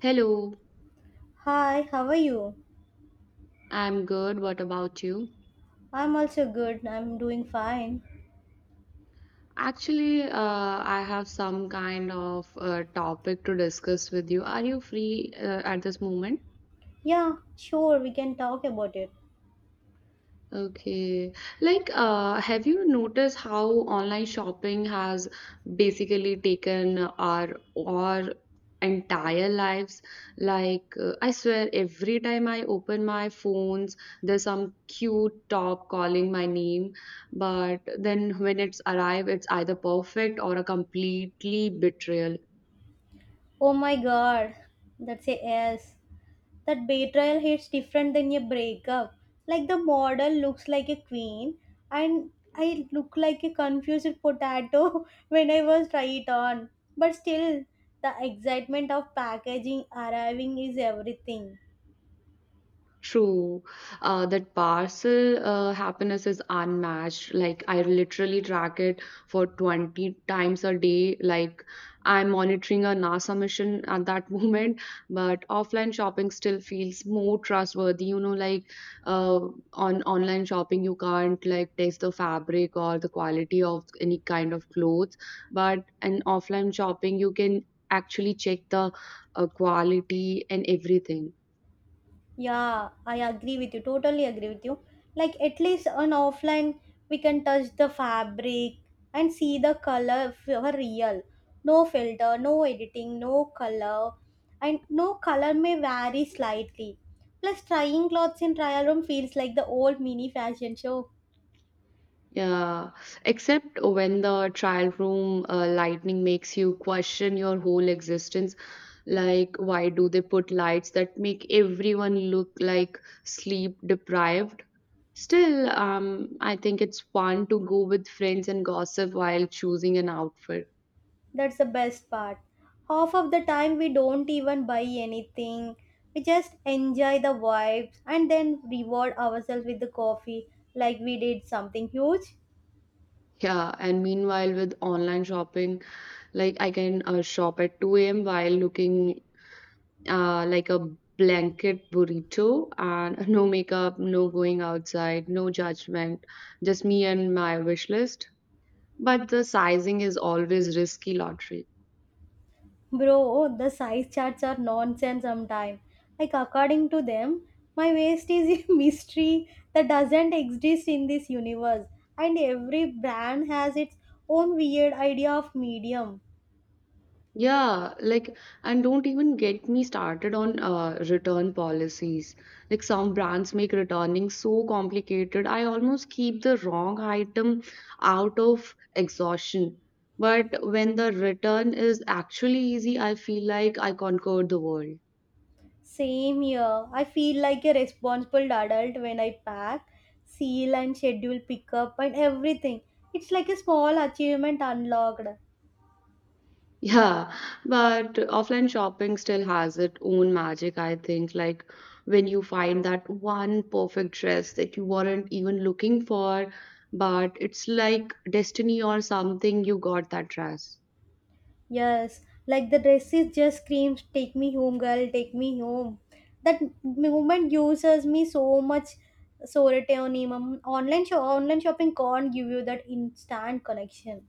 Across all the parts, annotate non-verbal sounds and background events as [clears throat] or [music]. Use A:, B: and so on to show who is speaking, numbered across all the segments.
A: Hello,
B: Hi, how are you?
A: I'm good. What about you?
B: I'm also good. I'm doing fine.
A: Actually, I have some kind of topic to discuss with you. Are you free at this moment?
B: Yeah, sure, we can talk about it.
A: Okay. Have you noticed how online shopping has basically taken our entire lives? I swear, every time I open my phones, there's some cute top calling my name, but then when it's arrived, it's either perfect or a completely betrayal.
B: Oh my god, that's a S. That betrayal hits different than your breakup. Like the model looks like a queen, and I look like a confused potato [laughs] when I was tried on. But still, the excitement of packaging arriving is everything.
A: True, that parcel happiness is unmatched. Like I literally track it for 20 times a day. Like I'm monitoring a NASA mission at that [laughs] moment, but offline shopping still feels more trustworthy. You know, like uh, on online shopping, you can't like taste the fabric or the quality of any kind of clothes, but in offline shopping, you can actually check the quality and everything.
B: Yeah, I agree with you. Totally agree with you. Like at least on offline, we can touch the fabric and see the color for real. No filter, no editing, no color, and no color may vary slightly. Plus, trying clothes in trial room feels like the old mini fashion show.
A: Yeah, except when the trial room lightning makes you question your whole existence. Like, why do they put lights that make everyone look like sleep deprived? Still, I think it's fun to go with friends and gossip while choosing an outfit.
B: That's the best part. Half of the time, we don't even buy anything. We just enjoy the vibes and then reward ourselves with the coffee like we did something huge.
A: Yeah, and meanwhile, with online shopping, like I can shop at 2 a.m. while looking like a blanket burrito and [laughs] no makeup, no going outside, no judgment, just me and my wish list. But the sizing is always risky lottery.
B: Bro, the size charts are nonsense sometimes. Like, according to them, my waist is a [laughs] mystery that doesn't exist in this universe, and every brand has its own weird idea of medium.
A: Yeah, like, and don't even get me started on return policies. Like, some brands make returning so complicated, I almost keep the wrong item out of exhaustion. But when the return is actually easy, I feel like I conquered the world.
B: Same here. I feel like a responsible adult when I pack, seal, and schedule pickup and everything. It's like a small achievement unlocked.
A: Yeah, but offline shopping still has its own magic, I think. Like when you find that one perfect dress that you weren't even looking for, but it's like destiny or something, you got that dress.
B: Yes, like the dresses just screams, "Take me home, girl, take me home." That moment uses me so much sorority on online shopping can't give you that instant connection.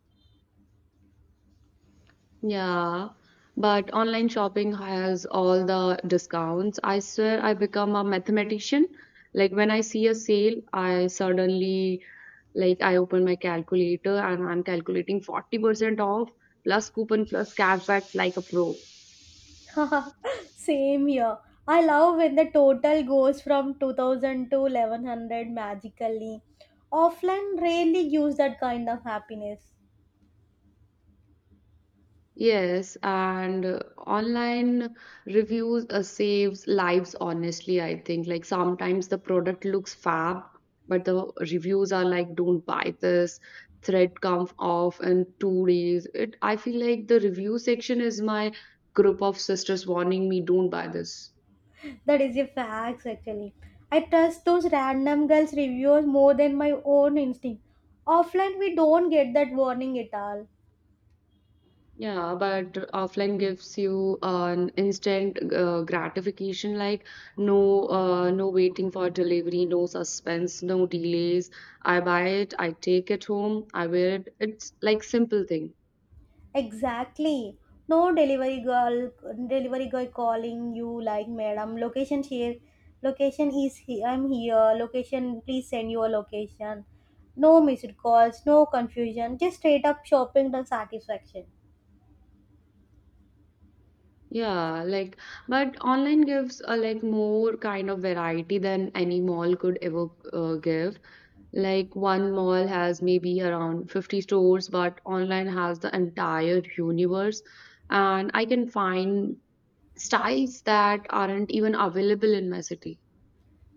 A: Yeah, but online shopping has all the discounts. I swear I become a mathematician. Like when I see a sale, I suddenly. Like I open my calculator and I'm calculating 40% off plus coupon plus cashback like a pro.
B: [laughs] Same year. I love when the total goes from 2000 to 1100 magically. Offline rarely gives that kind of happiness.
A: Yes, and online reviews saves lives honestly, I think. Like sometimes the product looks fab, but the reviews are like don't buy this, thread comes off in 2 days. It I feel like the review section is my group of sisters warning me don't buy this.
B: That is a fact, actually. I trust those random girls' reviews more than my own instinct. Offline, we don't get that warning at all.
A: Yeah, but offline gives you an instant gratification, like no, no waiting for delivery, no suspense, no delays. I buy it, I take it home, I wear it. It's like simple thing.
B: Exactly. No delivery girl, delivery guy calling you like, "Madam, location here, location is here, I'm here, location, please send your location." No missed calls, no confusion, just straight up shopping the satisfaction.
A: Yeah, like but online gives a like more kind of variety than any mall could ever give. Like one mall has maybe around 50 stores, but online has the entire universe. And I can find styles that aren't even available in my city.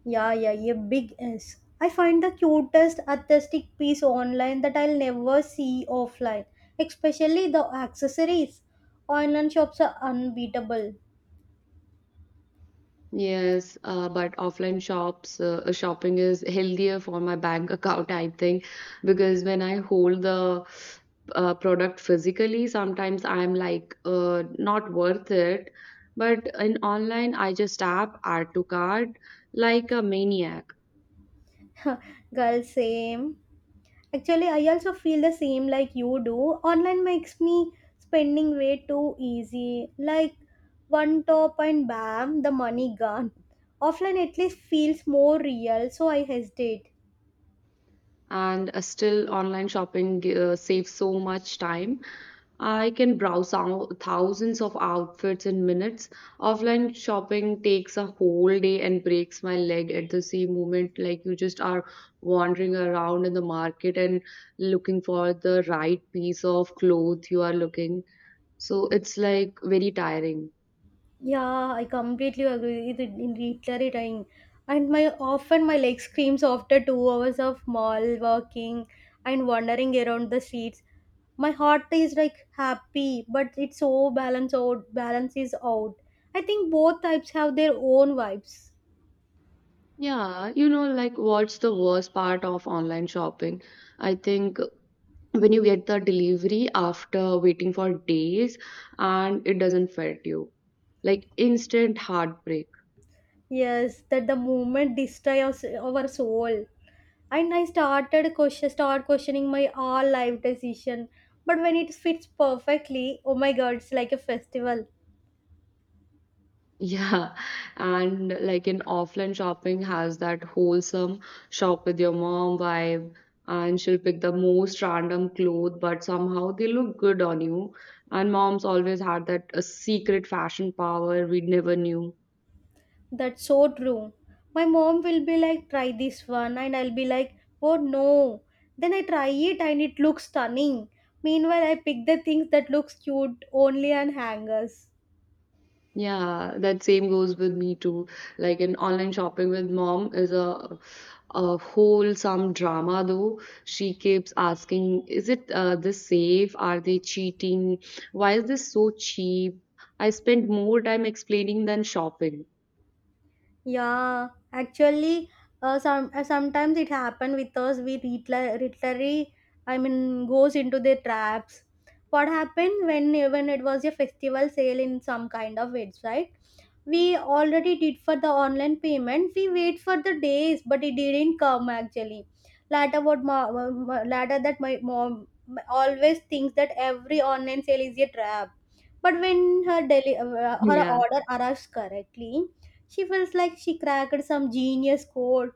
B: Yeah, yeah, yeah, big S. I find the cutest artistic piece online that I'll never see offline, especially the accessories. Online shops are unbeatable.
A: Yes, but offline shops, shopping is healthier for my bank account, I think, because when I hold the product physically, sometimes I'm like, not worth it. But in online, I just tap add to cart like a maniac.
B: [laughs] Girl, same. Actually, I also feel the same like you do. Online makes me spending way too easy. Like one top and bam, the money gone. Offline at least feels more real, so I hesitate.
A: And still online shopping saves so much time. I can browse thousands of outfits in minutes. Offline shopping takes a whole day and breaks my leg at the same moment. Like you just are wandering around in the market and looking for the right piece of cloth you are looking. So it's like very tiring.
B: Yeah, I completely agree with it in reiterating. And my often my leg screams after 2 hours of mall walking and wandering around the streets. My heart is like happy, but it's so balance out, balance is out. I think both types have their own vibes.
A: Yeah, you know, like what's the worst part of online shopping? I think when you get the delivery after waiting for days and it doesn't fit you like instant heartbreak.
B: Yes, that the movement destroys our soul, and I start questioning my all life decision. But when it fits perfectly, oh my god, it's like a festival.
A: [laughs] Yeah. And like in offline shopping has that wholesome shop with your mom vibe, and she'll pick the most random clothes but somehow they look good on you, and moms always had that a secret fashion power we never knew.
B: That's so true. My mom will be like, "Try this one," and I'll be like, "Oh no." Then I try it and it looks stunning. Meanwhile, I pick the things that looks cute only on hangers.
A: Yeah, that same goes with me too. Like in online shopping with mom is a whole some drama though. She keeps asking, "Is it this safe? Are they cheating? Why is this so cheap?" I spend more time explaining than shopping. [laughs]
B: Yeah, actually, sometimes it happen with us. We literally, literally, I mean, goes into the traps. What happened when it was a festival sale in some kind of website? We already did for the online payment, we wait for the days, but it didn't come actually later. What ma- ma- ma- Later that my mom always thinks that every online sale is a trap. But when her her
A: Yeah.
B: order arrives correctly, she feels like she cracked some genius code.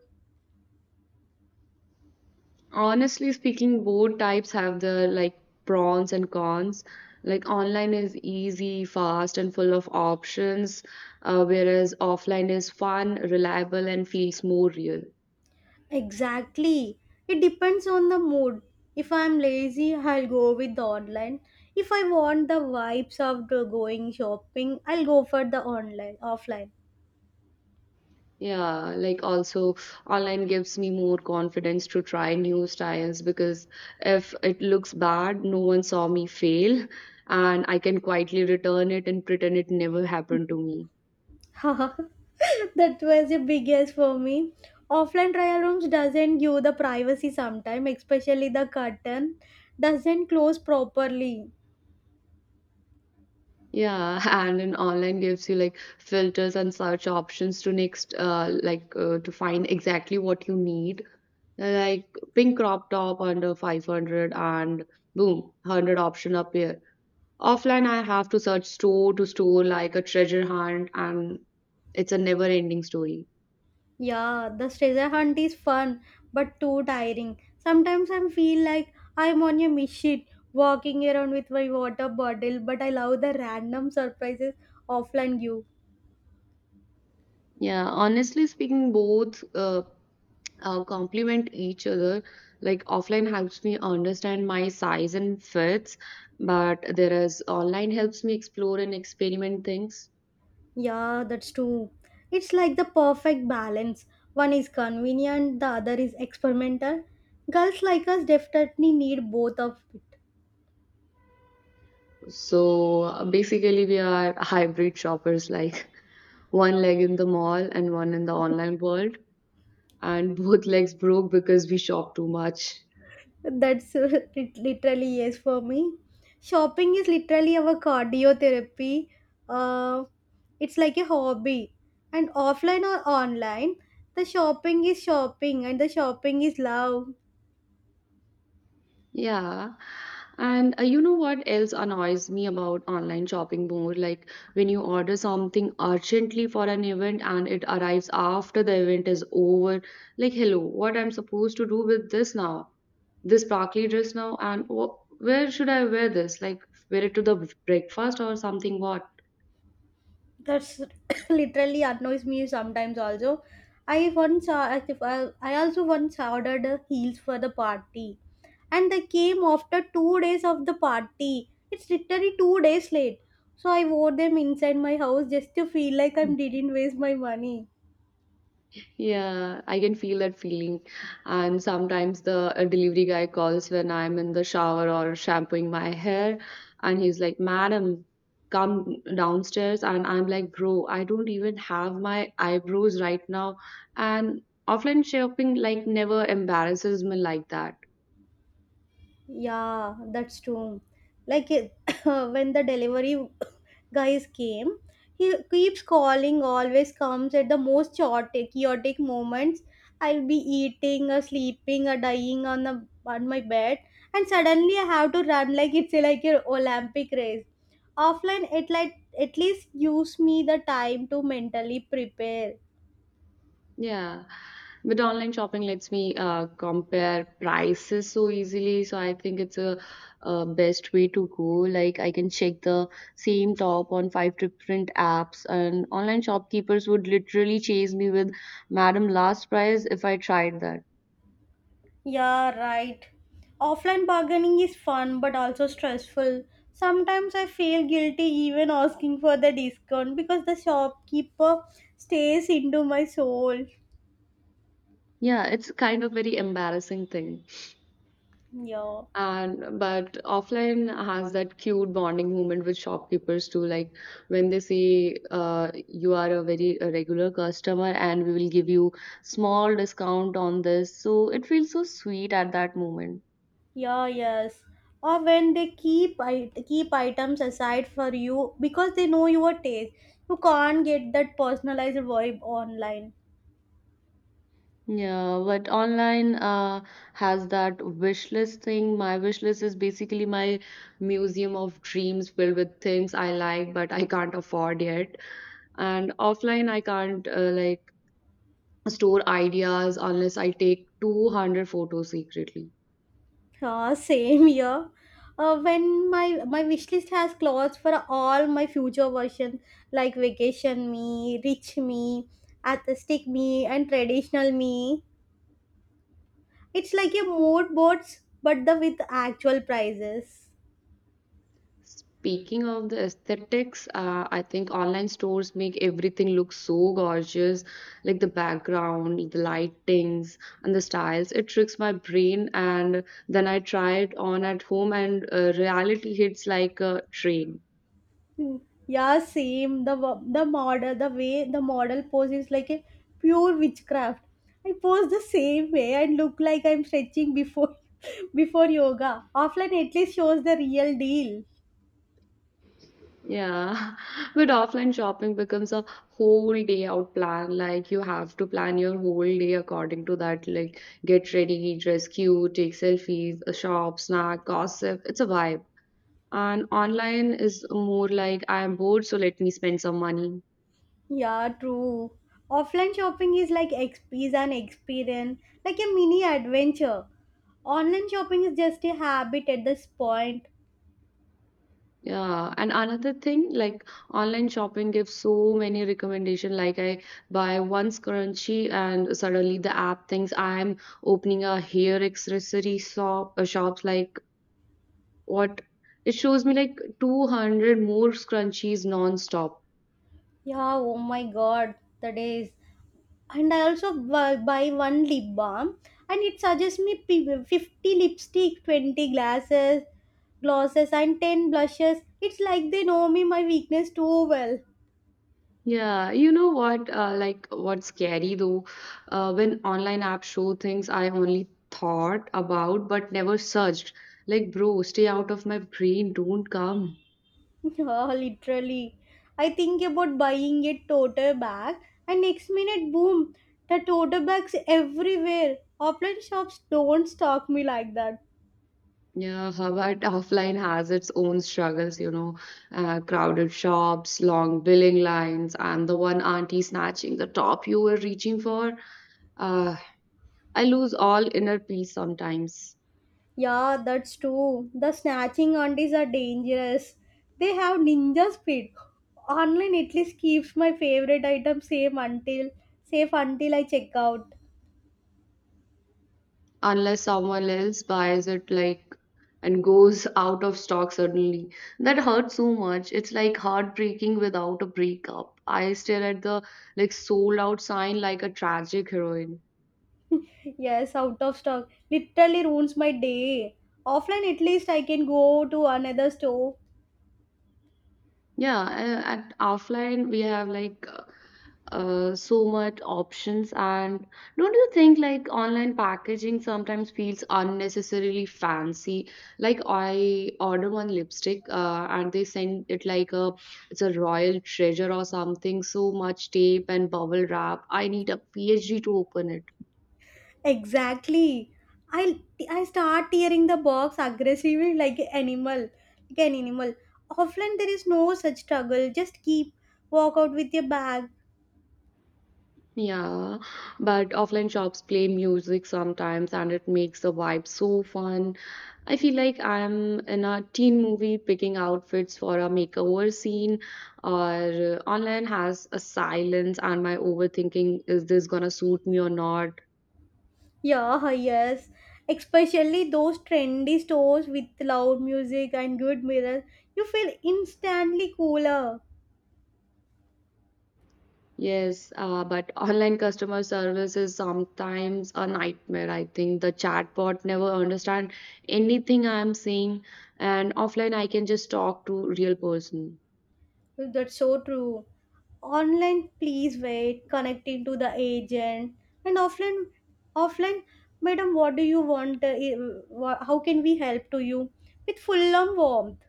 A: Honestly speaking, both types have the like pros and cons. Like online is easy, fast, and full of options, whereas offline is fun, reliable, and feels more real.
B: Exactly. It depends on the mood. If I'm lazy, I'll go with the online. If I want the vibes of the going shopping, I'll go for the online offline.
A: Yeah, like also online gives me more confidence to try new styles because if it looks bad, no one saw me fail, and I can quietly return it and pretend it never happened
B: [laughs]
A: to me.
B: That was the biggest for me. Offline trial rooms doesn't give the privacy sometimes, especially the curtain doesn't close properly.
A: Yeah, [laughs] and in online gives you like filters and search options to next to find exactly what you need. Like pink crop top under 500, and boom, 100 option appear. Offline, I have to search store to store like a treasure hunt, and it's a never ending story.
B: Yeah, the treasure hunt is fun but too tiring. Sometimes I feel like I'm on a mission walking around with my water bottle, but I love the random surprises offline give.
A: Yeah, honestly speaking, both complement each other. Like, offline helps me understand my size and fits, but whereas online helps me explore and experiment things.
B: Yeah, that's true. It's like the perfect balance. One is convenient, the other is experimental. Girls like us definitely need both of it.
A: So basically, we are hybrid shoppers, like [laughs] one leg in the mall and one in the online world. And both legs broke because we shop too much.
B: That's [laughs] it literally yes for me. Shopping is literally our cardiotherapy. Uh, it's like a hobby. And offline or online, the shopping is shopping and the shopping is love.
A: Yeah. And you know what else annoys me about online shopping more? Like when you order something urgently for an event and it arrives after the event is over. Like, hello, what I'm supposed to do with this now? This sparkly dress now? And wh where should I wear this? Like, wear it to the breakfast or something? What?
B: That's [coughs] [laughs] literally annoys me sometimes also. I once I also once ordered heels for the party, and they came after 2 days of the party. It's literally 2 days late, so I wore them inside my house just to feel like I didn't waste my money.
A: Yeah, I can feel that feeling. And sometimes the delivery guy calls when I'm in the shower or shampooing my hair, and he's like, "Madam, come downstairs." And I'm like, "Bro, I don't even have my eyebrows right now." And offline shopping like never embarrasses me like that.
B: Yeah, that's true. Like it- [coughs] when the delivery [coughs] guys came, he keeps calling, always comes at the most chaotic moments. I'll be eating or sleeping or dying on my bed, and suddenly I have to run like it's like an Olympic race. Offline, it like at least gives me the time to mentally prepare.
A: Yeah. But online shopping lets me compare prices so easily. So I think it's a, best way to go. Like I can check the same top on 5 different apps, and online shopkeepers would literally chase me with "Madam, last price" if I tried that.
B: Yeah, right. Offline bargaining is fun but also stressful. Sometimes I feel guilty even asking for the discount because the shopkeeper stares into my soul.
A: Yeah, it's kind of very embarrassing thing.
B: Yeah,
A: And but offline has that cute bonding moment with shopkeepers too. Like when they say, "You are a very a regular customer, and we will give you small discount on this." So it feels so sweet at that moment.
B: yeah, yes. Or when they keep items aside for you because they know your taste. You can't get that personalized vibe online.
A: Yeah, but online has that wish list thing. My wish list is basically my museum of dreams filled with things I like but I can't afford yet. And offline, I can't store ideas unless I take 200 photos secretly.
B: Same year. When my wish list has clothes for all my future versions like vacation me, rich me, artistic me, and traditional me. It's like a mood boards, but the with actual prices.
A: Speaking of the aesthetics, I think online stores make everything look so gorgeous, like the background, the lightings, and the styles. It tricks my brain, and then I try it on at home, and reality hits like a train.
B: Yeah, same. The model, the way the model pose is like a pure witchcraft. I pose the same way and look like I'm stretching before [laughs] before yoga. Offline at least shows the real deal.
A: Yeah, [laughs] but offline shopping becomes a whole day out plan. Like you have to plan your whole day according to that. Like get ready, dress cute, take selfies, a shop, snack, gossip. It's a vibe. And online is more like I am bored, so let me spend some money.
B: Yeah, true. Offline shopping is is an experience, like a mini adventure. Online shopping is just a habit at this point.
A: Yeah, and another thing, like online shopping gives so many recommendation. Like I buy once currency, and suddenly the app thinks I'm opening a hair accessory shop, shops like what it shows me like 200 more scrunchies non-stop.
B: Yeah, oh my god, the days, and I also buy one lip balm and it suggests me 50 lipstick, 20 glasses, glosses and 10 blushes. It's like they know me my weakness too well.
A: Yeah, you know what, what's scary though, when online apps show things I only thought about but never searched, like bro stay out of my brain don't come.
B: [laughs] Yeah, literally. I think about buying a tote bag, and next minute, boom, the tote bags everywhere. Offline shops don't stock me like that.
A: Yeah, but offline has its own struggles, you know, crowded shops, long billing lines, and the one auntie snatching the top you were reaching for. uh, I lose all inner peace sometimes.
B: Yeah, that's true. The snatching aunties are dangerous. They have ninja speed. Online at least keeps my favorite item safe until I check out.
A: Unless someone else buys it like and goes out of stock suddenly. That hurts so much, it's like heartbreaking without a breakup. I stare at the like sold out sign like a tragic heroine.
B: [laughs] Yes, out of stock. Literally ruins my day. Offline at least I can go to another store.
A: Yeah, at offline we have like so much options, and don't you think like online packaging sometimes feels unnecessarily fancy? Like I order one lipstick, and they send it like a it's a royal treasure or something. So much tape and bubble wrap. I need a PhD to open it.
B: Exactly. I I start tearing the box aggressively like an animal. Offline there is no such struggle. Just keep walk out with your bag.
A: Yeah, but offline shops play music sometimes and it makes the vibe so fun. I feel like I'm in a teen movie picking outfits for a makeover scene, or online has a silence and my overthinking is this gonna suit me or not?
B: Yeah, yes. Especially those trendy stores with loud music and good mirrors, you feel instantly cooler.
A: Yes, but online customer service is sometimes a nightmare. I think the chatbot never understand anything I'm saying, and offline I can just talk to real person.
B: That's so true. Online, please wait, connecting to the agent. And offline, offline "Madam, what do you want? How can we help to you?" with full on warmth.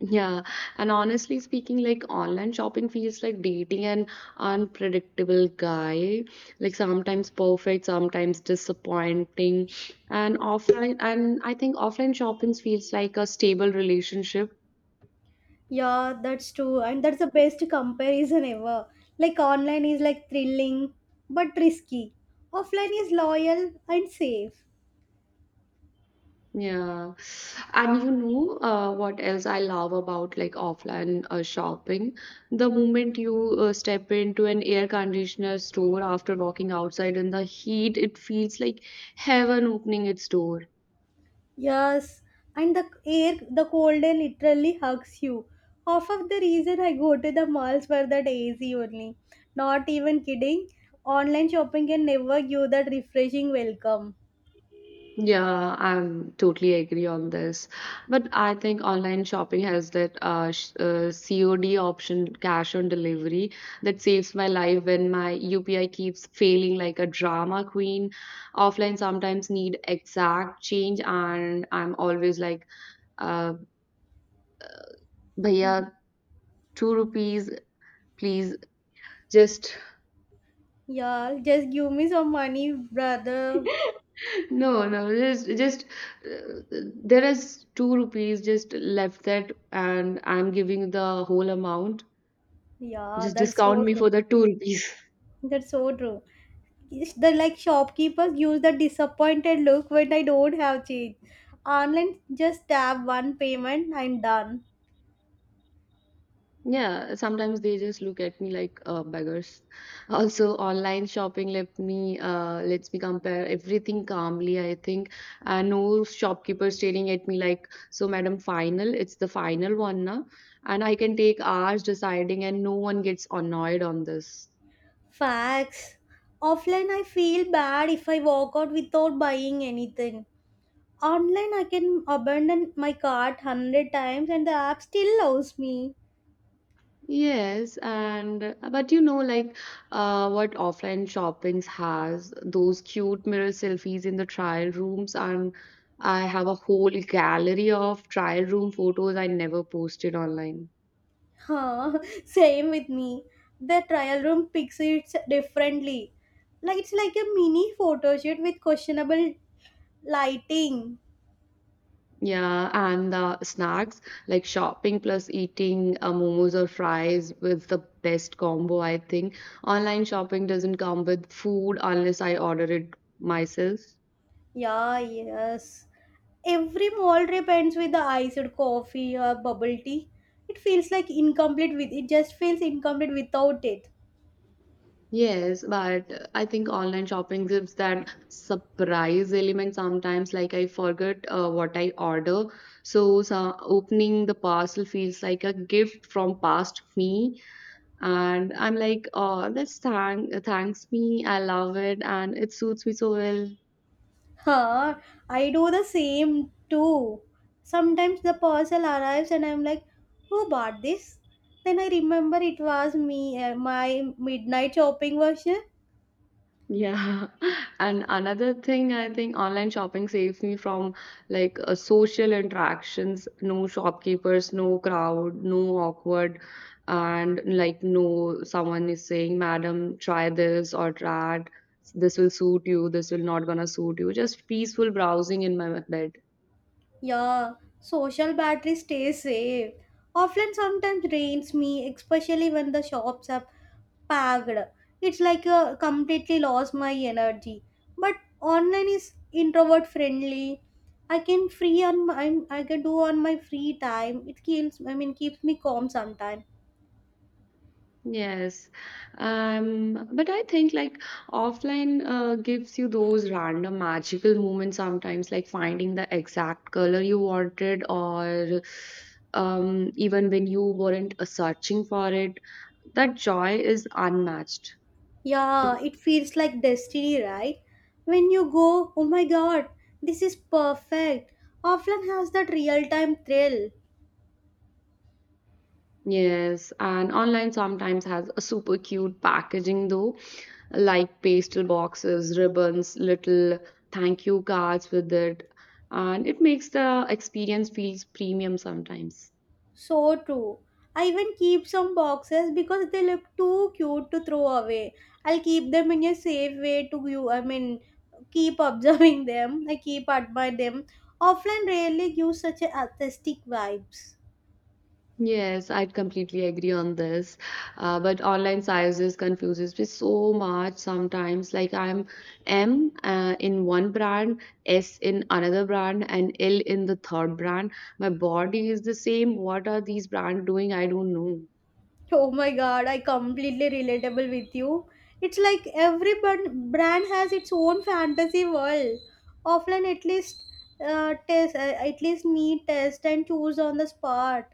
A: Yeah, and honestly speaking, like online shopping feels like dating an unpredictable guy, like sometimes perfect, sometimes disappointing. And offline, and I think offline shopping feels like a stable relationship.
B: Yeah, that's true, and that's the best comparison ever. Like online is like thrilling but risky. Offline is loyal and safe.
A: Yeah. And you know, what else I love about like offline shopping? The moment you step into an air conditioner store after walking outside in the heat, it feels like heaven opening its door.
B: Yes, and the air, the cold air literally hugs you. Half of the reason I go to the malls for that AC only. Not even kidding. Online shopping can never give that refreshing welcome.
A: Yeah, I'm totally agree on this. But I think online shopping has that sh COD option, cash on delivery, that saves my life when my UPI keeps failing like a drama queen. Offline sometimes need exact change, and I'm always like, uh, "Bhaiya, two rupees, please just
B: Yeah, just give me some money, brother.
A: No, just uh, there is two rupees just left that, and I'm giving the whole amount.
B: Yeah,
A: Just
B: that's
A: discount
B: so
A: me
B: true.
A: for the two rupees." [laughs]
B: That's so true. It's the like shopkeepers use the disappointed look when I don't have change. Online, just tap one payment, I'm done.
A: Yeah, sometimes they just look at me like beggars. Also, online shopping lets me compare everything calmly, I think. And no shopkeeper staring at me like, so madam, final, it's the final one na. And I can take hours deciding, and no one gets annoyed on this.
B: Facts. Offline, I feel bad if I walk out without buying anything. Online, I can abandon my cart hundred times and the app still loves me.
A: Yes, and but you know, what offline shoppings has those cute mirror selfies in the trial rooms, and I have a whole gallery of trial room photos I never posted online.
B: Huh. [laughs] Same with me. The trial room picks it differently. Like it's like a mini photo shoot with questionable lighting.
A: Yeah, and the snacks like shopping plus eating momos or fries with the best combo, I think. Online shopping doesn't come with food unless I order it myself.
B: Yeah. Yes. Every mall trip ends with the iced coffee or bubble tea. It feels like incomplete with it, just feels incomplete without it.
A: Yes, but I think online shopping gives that surprise element sometimes. Like I forget what I order, so opening the parcel feels like a gift from past me, and I'm like, oh, this thanks me. I love it, and it suits me so well.
B: Huh, I do the same too. Sometimes the parcel arrives and I'm like, who bought this? Then I remember it was me, my midnight shopping version.
A: Yeah, [laughs] and another thing I think online shopping saves me from like social interactions, no shopkeepers, no crowd, no awkward, and like no someone is saying, "Madam, try this or try that. This will suit you. This will not gonna suit you." Just peaceful browsing in my bed.
B: Yeah, social battery stays safe. Offline sometimes drains me, especially when the shops are packed. It's like a completely lost my energy. But online is introvert friendly. i can free on my I can do on my free time. It keeps, I mean, keeps me calm sometimes.
A: Yes. But I think like offline gives you those random magical moments sometimes, like finding the exact color you wanted, or even when you weren't searching for it. That joy is unmatched.
B: Yeah, it feels like destiny, right? When you go, oh my god, this is perfect. Offline has that real time thrill.
A: Yes, and online sometimes has a super cute packaging though, like pastel boxes, ribbons, little thank you cards with it, and it makes the experience feels premium sometimes.
B: So true. I even keep some boxes because they look too cute to throw away. I'll keep them in a safe way to you. I mean, keep observing [laughs] them. I keep admire them. Offline rarely gives such a artistic vibes.
A: Yes, I'd completely agree on this. But online sizes confuses me so much sometimes. Like I'm M in one brand, S in another brand, and L in the third brand. My body is the same. What are these brands doing? I don't know.
B: Oh my god, I completely relatable with you. It's like every brand has its own fantasy world. Offline, at least at least need test and choose on the spot.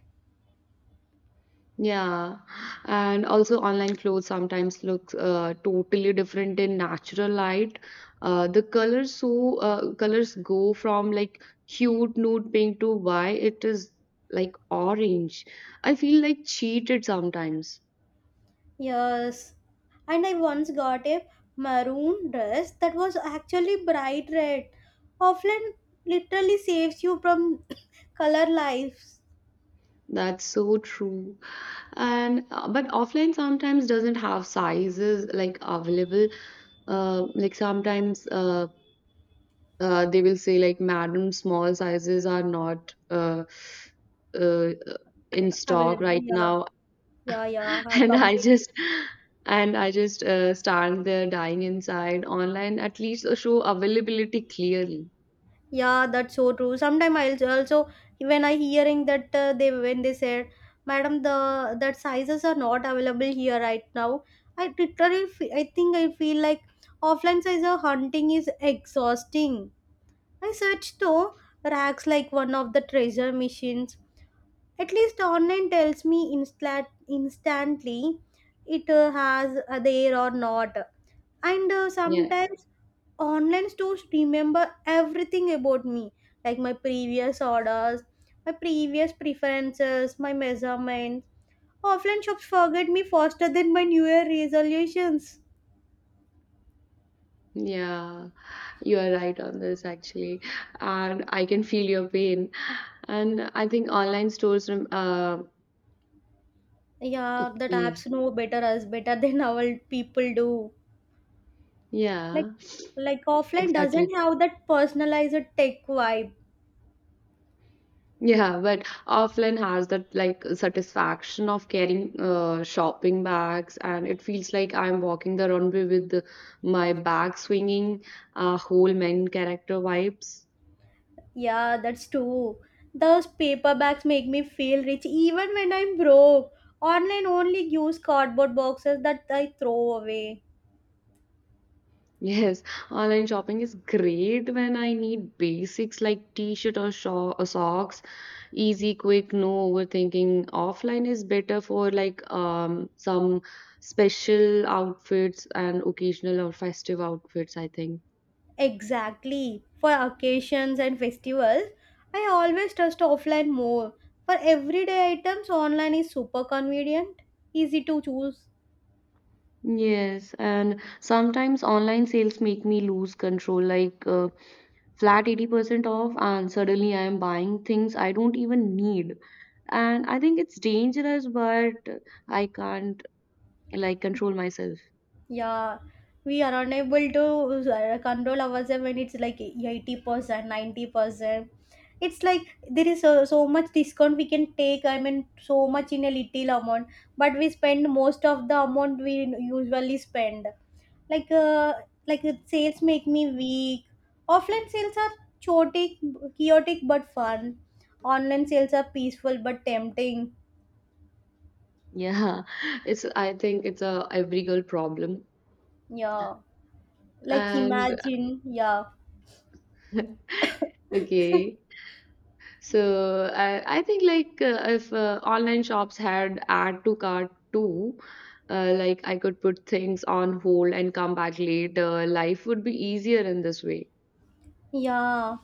A: Yeah, and also online clothes sometimes looks totally different in natural light. The colors so colors go from like cute nude pink to why it is like orange. I feel like cheated sometimes.
B: Yes, and I once got a maroon dress that was actually bright red. Offline literally saves you from [clears throat] color lives
A: That's so true. And but offline sometimes doesn't have sizes like available. Like sometimes they will say like madam small sizes are not uh, in stock
B: available.
A: right
B: Yeah,
A: now.
B: yeah, yeah. I
A: [laughs] and i
B: completely-
A: just and I just stand there dying inside. Online at least show availability clearly.
B: Yeah, that's so true. Sometimes I'll also when I hearing that they when they said, "Madam, the that sizes are not available here right now." I literally I feel like offline size of hunting is exhausting. I searched though rags like one of the treasure machines. At least online tells me instantly it has there or not. And
A: Yeah,
B: sometimes online stores remember everything about me, like my previous orders, my previous preferences, my measurements. Offline shops forget me faster than my New Year resolutions.
A: yeah, you are right on this actually, and I can feel your pain. And I think online stores
B: Yeah, that apps
A: okay,
B: know better us better [laughs] than our people do. Like
A: yeah,
B: offline doesn't
A: exactly.
B: have that personalized tech vibe.
A: Yeah, but offline has that like satisfaction of carrying shopping bags, and it feels like I'm walking the runway with my bag swinging, whole main character vibes. [laughs]
B: Yeah, that's true. Those paperbacks make me feel rich even when I'm broke. Online only use cardboard boxes that I throw away.
A: Yes, online shopping is great when I need basics like t-shirt or, sho or socks, easy, quick, no overthinking. Offline is better for like some special outfits and occasional or festive outfits, I think.
B: Exactly, for occasions and festivals I always trust offline more. For everyday items online is super convenient, easy to choose.
A: Yes, and sometimes online sales make me lose control, like flat 80% off, and suddenly I am buying things I don't even need. And I think it's dangerous, but I can't like control myself.
B: Yeah, we are unable to control ourselves when it's like 80%, 90%. It's like there is so much discount we can take, I mean, so much in a little amount, but we spend most of the amount we usually spend. Like, uh, Sales make me weak. Offline sales are chaotic, chaotic but fun. Online sales are peaceful but tempting.
A: Yeah, [laughs] it's I think it's a every girl problem.
B: Yeah, like
A: And
B: imagine, yeah.
A: [laughs] okay. So I think like if online shops had add to cart too, like I could put things on hold and come back later. Life would be easier in this way.
B: Yeah,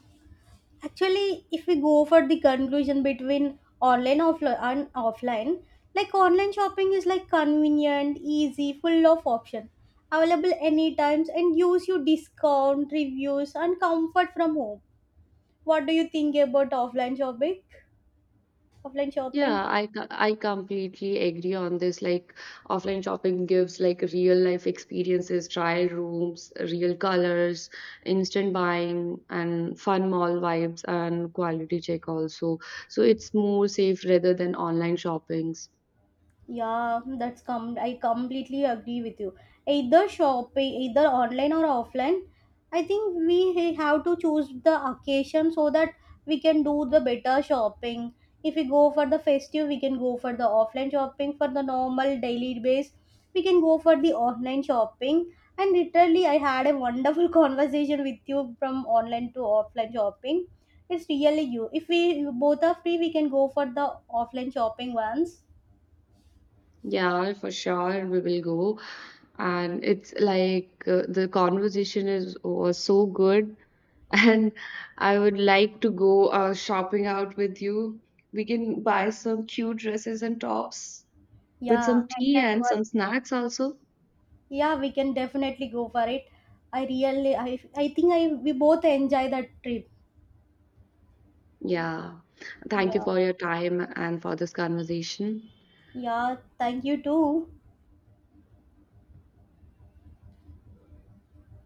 B: actually if we go for the conclusion between online offli- and offline, like online shopping is like convenient, easy, full of options, available anytime and gives you discount reviews and comfort from home. What do you think about offline shopping? offline shopping
A: Yeah, I completely agree on this. Like offline shopping gives like real life experiences, trial rooms, real colors, instant buying, and fun mall vibes and quality check also. So it's more safe rather than online shoppings.
B: Yeah, that's com, I completely agree with you. Either shop, either online or offline, I think we have to choose the occasion so that we can do the better shopping. If we go for the festive, we can go for the offline shopping. For the normal daily base, we can go for the online shopping. And literally, I had a wonderful [laughs] conversation with you from online to offline shopping. It's really you. If we both are free, we can go for the offline shopping once.
A: Yeah, for sure we will go. And it's like the conversation is was so good, [laughs] and I would like to go shopping out with you. We can buy some cute dresses and tops with
B: Yeah,
A: some
B: and
A: tea
B: that
A: and
B: one.
A: some snacks also.
B: Yeah, we can definitely go for it. I think I we both enjoy that trip.
A: Yeah. Thank you
B: Yeah.
A: for your time and for this conversation.
B: Yeah, thank you too.